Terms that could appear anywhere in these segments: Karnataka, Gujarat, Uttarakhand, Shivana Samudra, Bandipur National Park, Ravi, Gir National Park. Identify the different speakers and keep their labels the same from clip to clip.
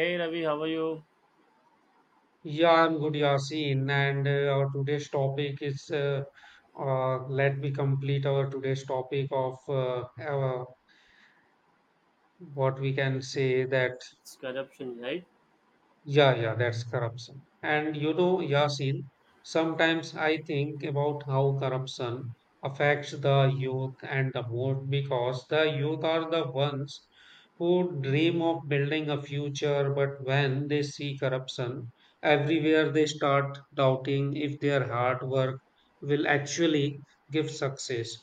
Speaker 1: Hey Ravi, how are you?
Speaker 2: Yeah, I'm good, Yasin. And our today's topic is let me complete our today's topic of our, what we can say that.
Speaker 1: It's corruption, right?
Speaker 2: Yeah, yeah, that's corruption. And you know, Yasin, sometimes I think about how corruption affects the youth and the most because the youth are the ones who dream of building a future, but when they see corruption everywhere, they start doubting if their hard work will actually give success.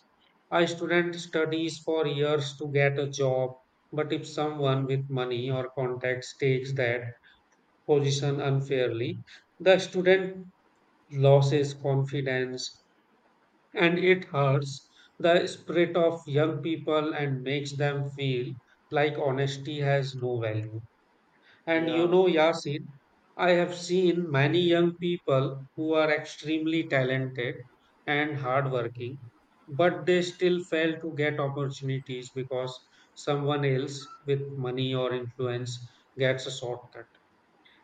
Speaker 2: A student studies for years to get a job, but if someone with money or contacts takes that, position unfairly, the
Speaker 1: Mhm.
Speaker 2: student loses confidence and it hurts the spirit of young people and makes them feel like honesty has no value. And you
Speaker 1: Yeah,
Speaker 2: know, Yasin, I have seen many young people who are extremely talented and hardworking, but they still fail to get opportunities because someone else with money or influence gets a shortcut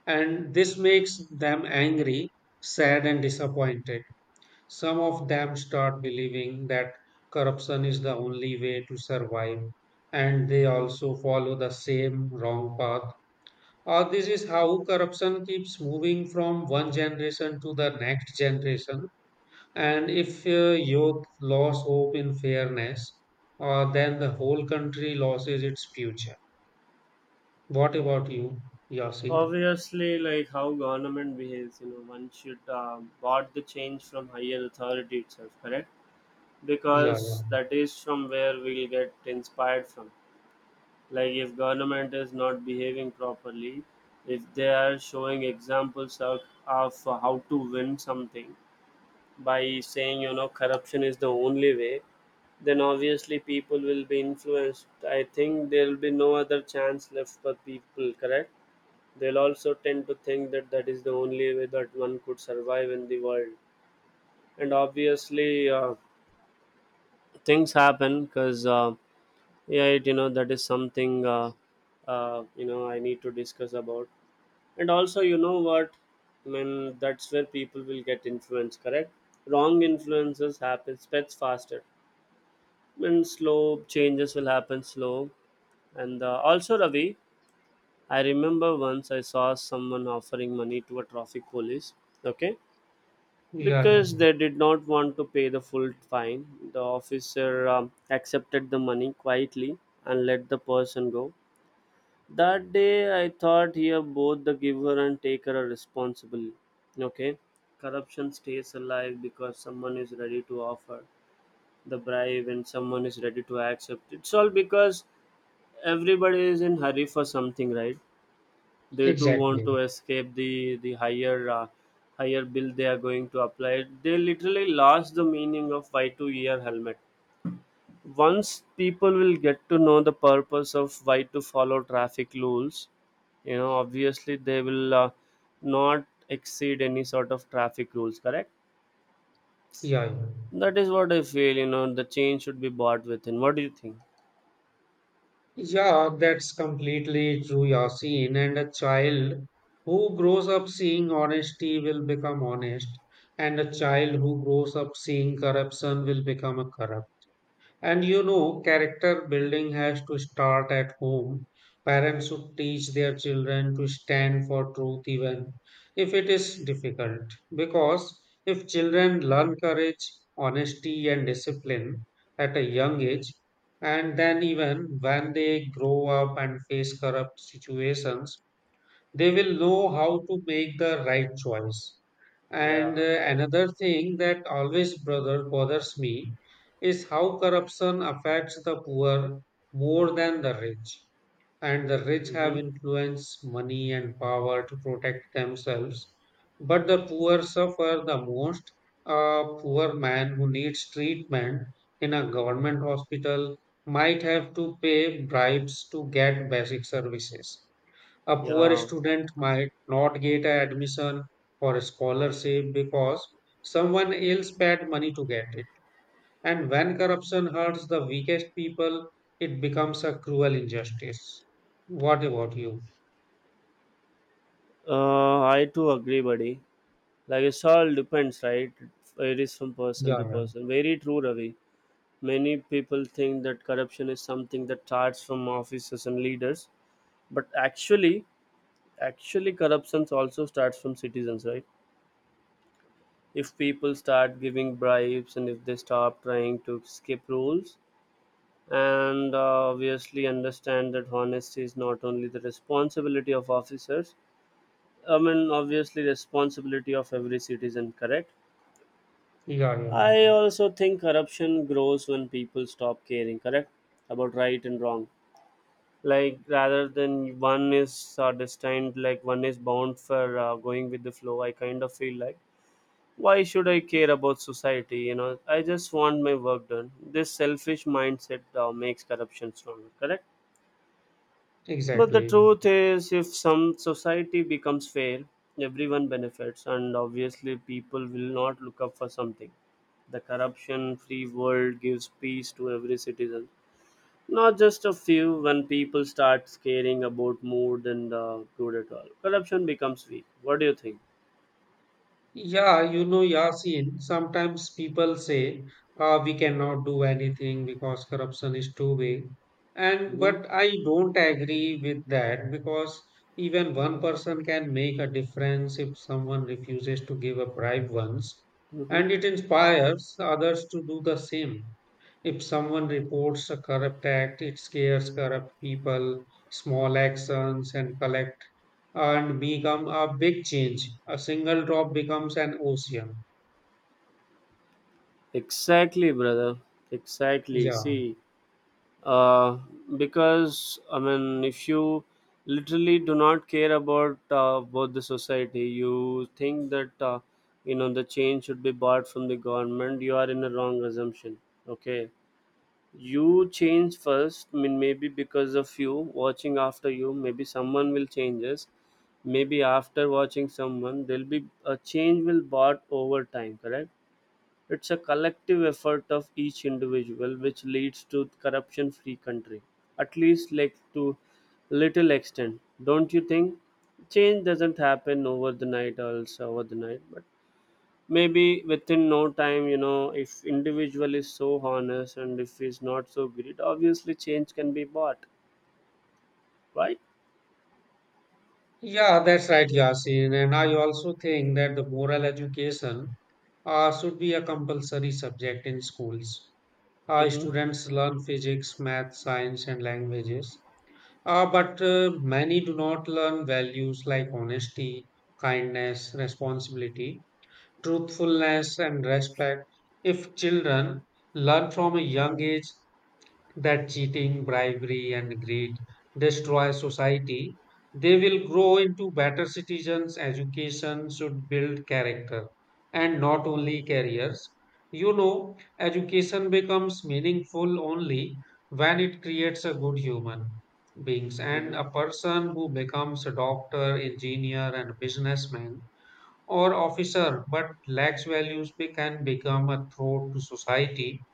Speaker 2: and this makes them angry, sad, and disappointed. Some of them start believing that corruption is the only way to survive, and they also follow the same wrong path. Or this is how corruption keeps moving from one generation to the next generation. And if youth lose hope in fairness, then the whole country loses its future. What about you, Yasin?
Speaker 1: obviously, like how government behaves, you know, one should bought the change from higher authority itself, correct?
Speaker 2: Yeah, yeah,
Speaker 1: Because that is from where we'll get inspired from. Like if government is not behaving properly, if they are showing examples of how to win something, by saying, you know, corruption is the only way, then obviously people will be influenced. I think there will be no other chance left for people, correct? They'll also tend to think that that is the only way that one could survive in the world. And obviously, things happen because yeah, it. That is something you know, I need to discuss about. And also, you know what I mean, that's where people will get influenced, correct? Wrong influences happen, spreads faster, and slow changes will happen slow. And also, Ravi, I remember once I saw someone offering money to a traffic police. Okay,
Speaker 2: yeah,
Speaker 1: because they did not want to pay the full fine, the officer accepted the money quietly and let the person go. That day I thought, here both the giver and taker are responsible. Okay, corruption stays alive because someone is ready to offer the bribe and someone is ready to accept. It's all because everybody is in hurry for something, right? They too want
Speaker 2: exactly.
Speaker 1: to escape the higher higher bill they are going to apply. They literally lost the meaning of why to wear helmet. Once people will get to know the purpose of why to follow traffic rules, you know, obviously they will not exceed any sort of traffic rules, correct?
Speaker 2: Yeah,
Speaker 1: That is what I feel, you know, the change should be bought within. What do you think?
Speaker 2: Yeah, that's completely true, Yasin. And a child who grows up seeing honesty will become honest, and a child who grows up seeing corruption will become a corrupt. And you know, character building has to start at home. Parents should teach their children to stand for truth even if it is difficult. Because if children learn courage, honesty, and discipline at a young age, and then even when they grow up and face corrupt situations, they will know how to make the right choice. And
Speaker 1: Yeah.
Speaker 2: another thing that always brother bothers me is how corruption affects the poor more than the rich. And the rich have
Speaker 1: Mm-hmm.
Speaker 2: influence, money, and power to protect themselves. But the poor suffer the most. A poor man who needs treatment in a government hospital might have to pay bribes to get basic services a poor
Speaker 1: Yeah.
Speaker 2: student might not get an admission or a scholarship because someone else paid money to get it. And when corruption hurts the weakest people, it becomes a cruel injustice. What about you?
Speaker 1: I too agree, buddy. Like it's all depends, right? It is from person
Speaker 2: Yeah,
Speaker 1: to
Speaker 2: yeah,
Speaker 1: person. Very true, Ravi. Many people think that corruption is something that starts from officers and leaders, but actually, corruption also starts from citizens, right? If people start giving bribes and if they stop trying to skip rules, and obviously understand that honesty is not only the responsibility of officers. I mean, obviously, responsibility of every citizen, correct?
Speaker 2: yeah.
Speaker 1: I also think corruption grows when people stop caring, correct? About right and wrong. Like, rather than one is destined, like one is bound for going with the flow, I kind of feel like, why should I care about society? You know, I just want my work done. This selfish mindset makes corruption stronger, correct? But the
Speaker 2: Exactly.
Speaker 1: truth is, if some society becomes fair, everyone benefits, and obviously, people will not look up for something. The corruption free world gives peace to every citizen, not just a few. When people start caring about more than the good at all, corruption becomes weak. What do you think?
Speaker 2: Yeah, you know, Yasin, sometimes people say we cannot do anything because corruption is too big. And
Speaker 1: Mm-hmm.
Speaker 2: but I don't agree with that because even one person can make a difference if someone refuses to give a bribe once,
Speaker 1: Mm-hmm.
Speaker 2: and it inspires others to do the same. If someone reports a corrupt act, it scares corrupt people, small actions, and collective and become a big change. A single drop becomes an ocean.
Speaker 1: Exactly, brother. Exactly.
Speaker 2: Yeah.
Speaker 1: See, uh, because I mean, if you literally do not care about the society, you think that you know the change should be bought from the government. You are in a wrong assumption. Okay, you change first. I mean, maybe because of you watching after you, maybe someone will change us. Maybe after watching someone, there'll be a change will bought over time. Correct, it's a collective effort of each individual which leads to corruption free country. At least like to little extent. Don't you think? Change doesn't happen over the night also over the night, but maybe within no time, you know, if individual is so honest and if he's not so greedy, obviously change can be bought, right?
Speaker 2: Yeah, that's right, Yasin. And I also think that the moral education should be a compulsory subject in schools.
Speaker 1: Mm-hmm.
Speaker 2: Students learn physics, math, science, and languages. But many do not learn values like honesty, kindness, responsibility, truthfulness, and respect. If children learn from a young age, that cheating, bribery, and greed destroy society, they will grow into better citizens. Education should build character and not only careers. You know, education becomes meaningful only when it creates a good human beings and
Speaker 1: Mm-hmm.
Speaker 2: a person who becomes a doctor, engineer, and businessman or officer but lacks values can become a threat to society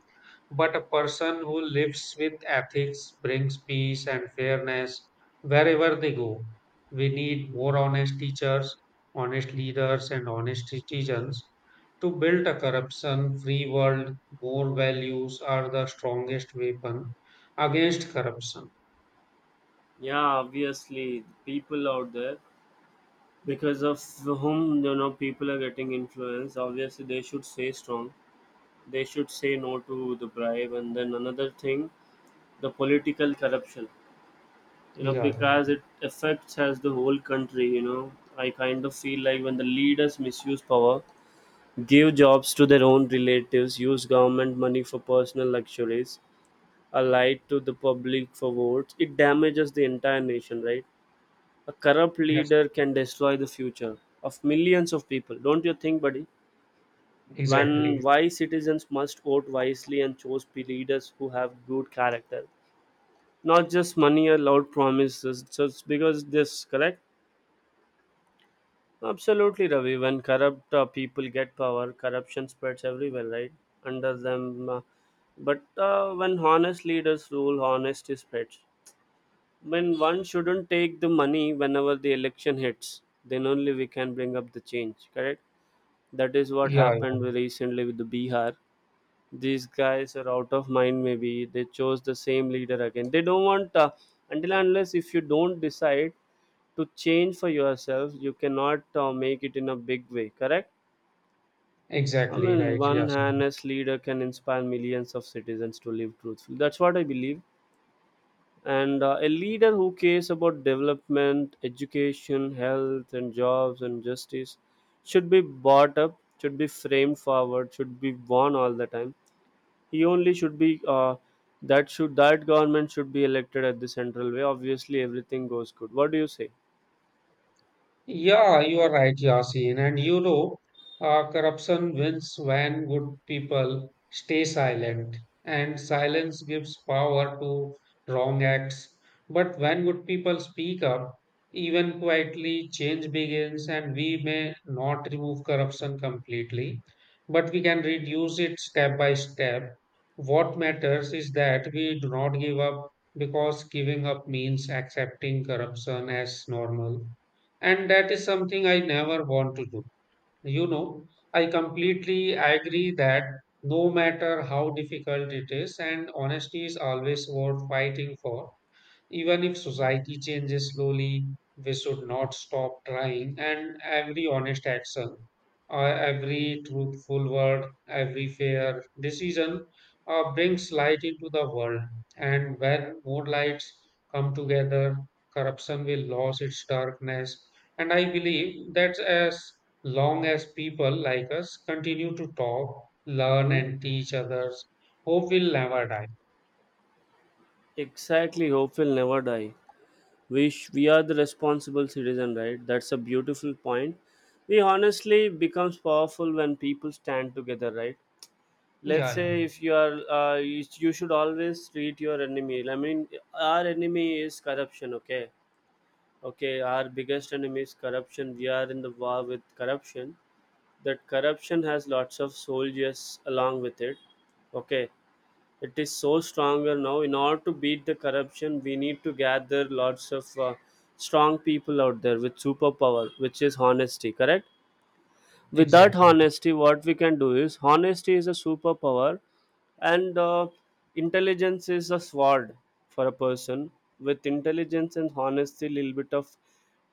Speaker 2: but a person who lives with ethics brings peace and fairness wherever they go. We need more honest teachers, honest leaders, and honest citizens to build a corruption free world. More values are the strongest weapon against corruption.
Speaker 1: Yeah, obviously, people out there because of whom, you know, people are getting influenced. Obviously, they should stay strong. They should say no to the bribe. And then another thing, the political corruption, you know,
Speaker 2: Yeah,
Speaker 1: because it affects as the whole country. You know, I kind of feel like when the leaders misuse power, give jobs to their own relatives, use government money for personal luxuries, are lied to the public for votes, it damages the entire nation, right? A corrupt
Speaker 2: yes,
Speaker 1: leader can destroy the future of millions of people, don't you think, buddy? When
Speaker 2: exactly.
Speaker 1: wise citizens must vote wisely and choose leaders who have good character, not just money or loud promises, just because this, correct? Absolutely, Ravi. When corrupt people get power, corruption spreads everywhere, right? Under them, but when honest leaders rule, honesty spreads. When one shouldn't take the money whenever the election hits, then only we can bring up the change, correct? That is what
Speaker 2: Yeah, yeah,
Speaker 1: happened recently with the Bihar. These guys are out of mind, maybe they chose the same leader again. They don't want, until and unless if you don't decide to change for yourself, you cannot make it in a big way, correct? I
Speaker 2: exactly
Speaker 1: mean,
Speaker 2: right.
Speaker 1: one
Speaker 2: Yes.
Speaker 1: honest leader can inspire millions of citizens to live truthfully, that's what I believe. And a leader who cares about development, education, health, and jobs, and justice should be brought up, should be framed forward, should be born all the time. He only should be that should, that government should be elected at the central way, obviously everything goes good. What do you say?
Speaker 2: Yeah, you are right, Yasin. And you know, corruption wins when good people stay silent, and silence gives power to wrong acts. But when good people speak up, even quietly, change begins, and we may not remove corruption completely, but we can reduce it step by step. What matters is that we do not give up because giving up means accepting corruption as normal and that is something I never want to do. You know, I completely agree that no matter how difficult it is, and honesty is always worth fighting for. Even if society changes slowly, we should not stop trying, and every honest action, or every truthful word, every fair decision brings light into the world. And when more lights come together, corruption will lose its darkness. And I believe that as long as people like us continue to talk, learn,
Speaker 1: Hmm.
Speaker 2: and teach others, hope will never die.
Speaker 1: Exactly, hope will never die. We are the responsible citizen, right? That's a beautiful point. We honestly becomes powerful when people stand together, right? Let's
Speaker 2: Yeah, yeah,
Speaker 1: say if you are, you should always treat your enemy. I mean, our enemy is corruption. Okay, okay, our biggest enemy is corruption. We are in the war with corruption. That corruption has lots of soldiers along with it. Okay, it is so stronger now. In order to beat the corruption, we need to gather lots of strong people out there with superpower, which is honesty, correct? Without
Speaker 2: exactly,
Speaker 1: honesty, what we can do is honesty is a superpower. And intelligence is a sword for a person with intelligence and honesty, little bit of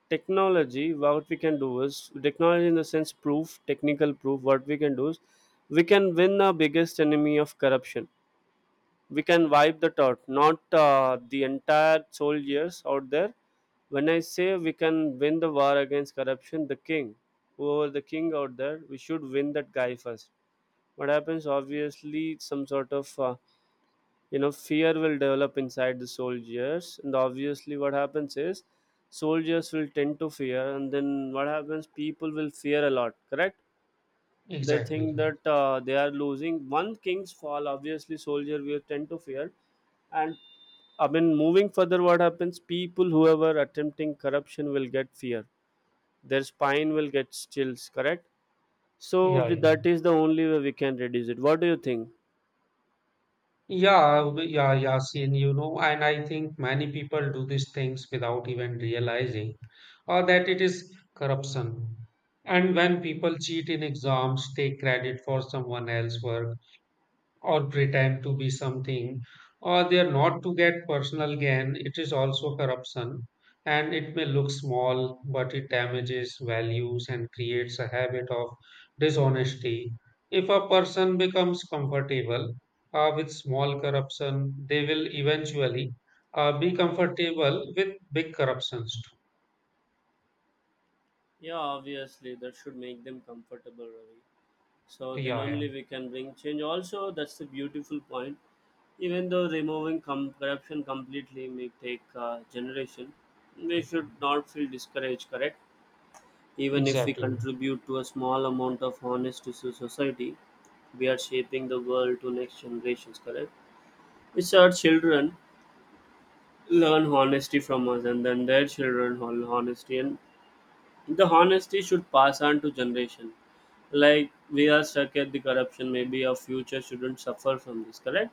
Speaker 1: technology. What we can do is technology in the sense proof, technical proof, what we can do is we can win the biggest enemy of corruption. We can wipe that out, not the entire soldiers out there. When I say we can win the war against corruption, the king, whoever the king out there, we should win that guy first. What happens? Obviously, some sort of you know, fear will develop inside the soldiers, and obviously what happens is soldiers will tend to fear. And then what happens, people will fear a lot, correct? They
Speaker 2: exactly.
Speaker 1: think that they are losing. One king's fall, obviously soldier will tend to fear. And I mean, moving further, what happens, people whoever attempting corruption will get fear, their spine will get chills, correct? So,
Speaker 2: Yeah,
Speaker 1: with that
Speaker 2: yeah,
Speaker 1: is the only way we can reduce it. What do you think?
Speaker 2: yeah, Yasin, you know, and I think many people do these things without even realizing or that it is corruption. And
Speaker 1: Hmm.
Speaker 2: when people cheat in exams, take credit for someone else's work, or pretend to be something or they are not to get personal gain it is also corruption and it may look small but it damages values and creates a habit of dishonesty if a person becomes comfortable with small corruption they will eventually be comfortable with big corruptions
Speaker 1: Yeah, obviously that should make them comfortable, Ravi. So
Speaker 2: too.
Speaker 1: then
Speaker 2: Yeah
Speaker 1: only we can bring change also, that's the beautiful point. Even though removing corruption completely may take a generation, we should not feel discouraged, correct? Even if we
Speaker 2: exactly.
Speaker 1: contribute to a small amount of honesty to society, we are shaping the world to next generations, correct? It's our children learn honesty from us, and then their children learn honesty, and the honesty should pass on to generation. Like we are stuck at the corruption, maybe our future shouldn't suffer from this, correct?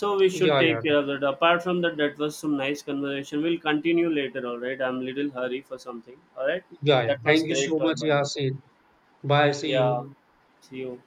Speaker 1: So we should
Speaker 2: yeah yeah
Speaker 1: take care of that. Apart from that, that was some nice conversation. We'll continue later, all right? I'm little hurry for something, all right?
Speaker 2: yeah.
Speaker 1: That was
Speaker 2: Thank you so
Speaker 1: great talk,
Speaker 2: much,
Speaker 1: buddy.
Speaker 2: Yasin. Bye, see you.
Speaker 1: Yeah, see you.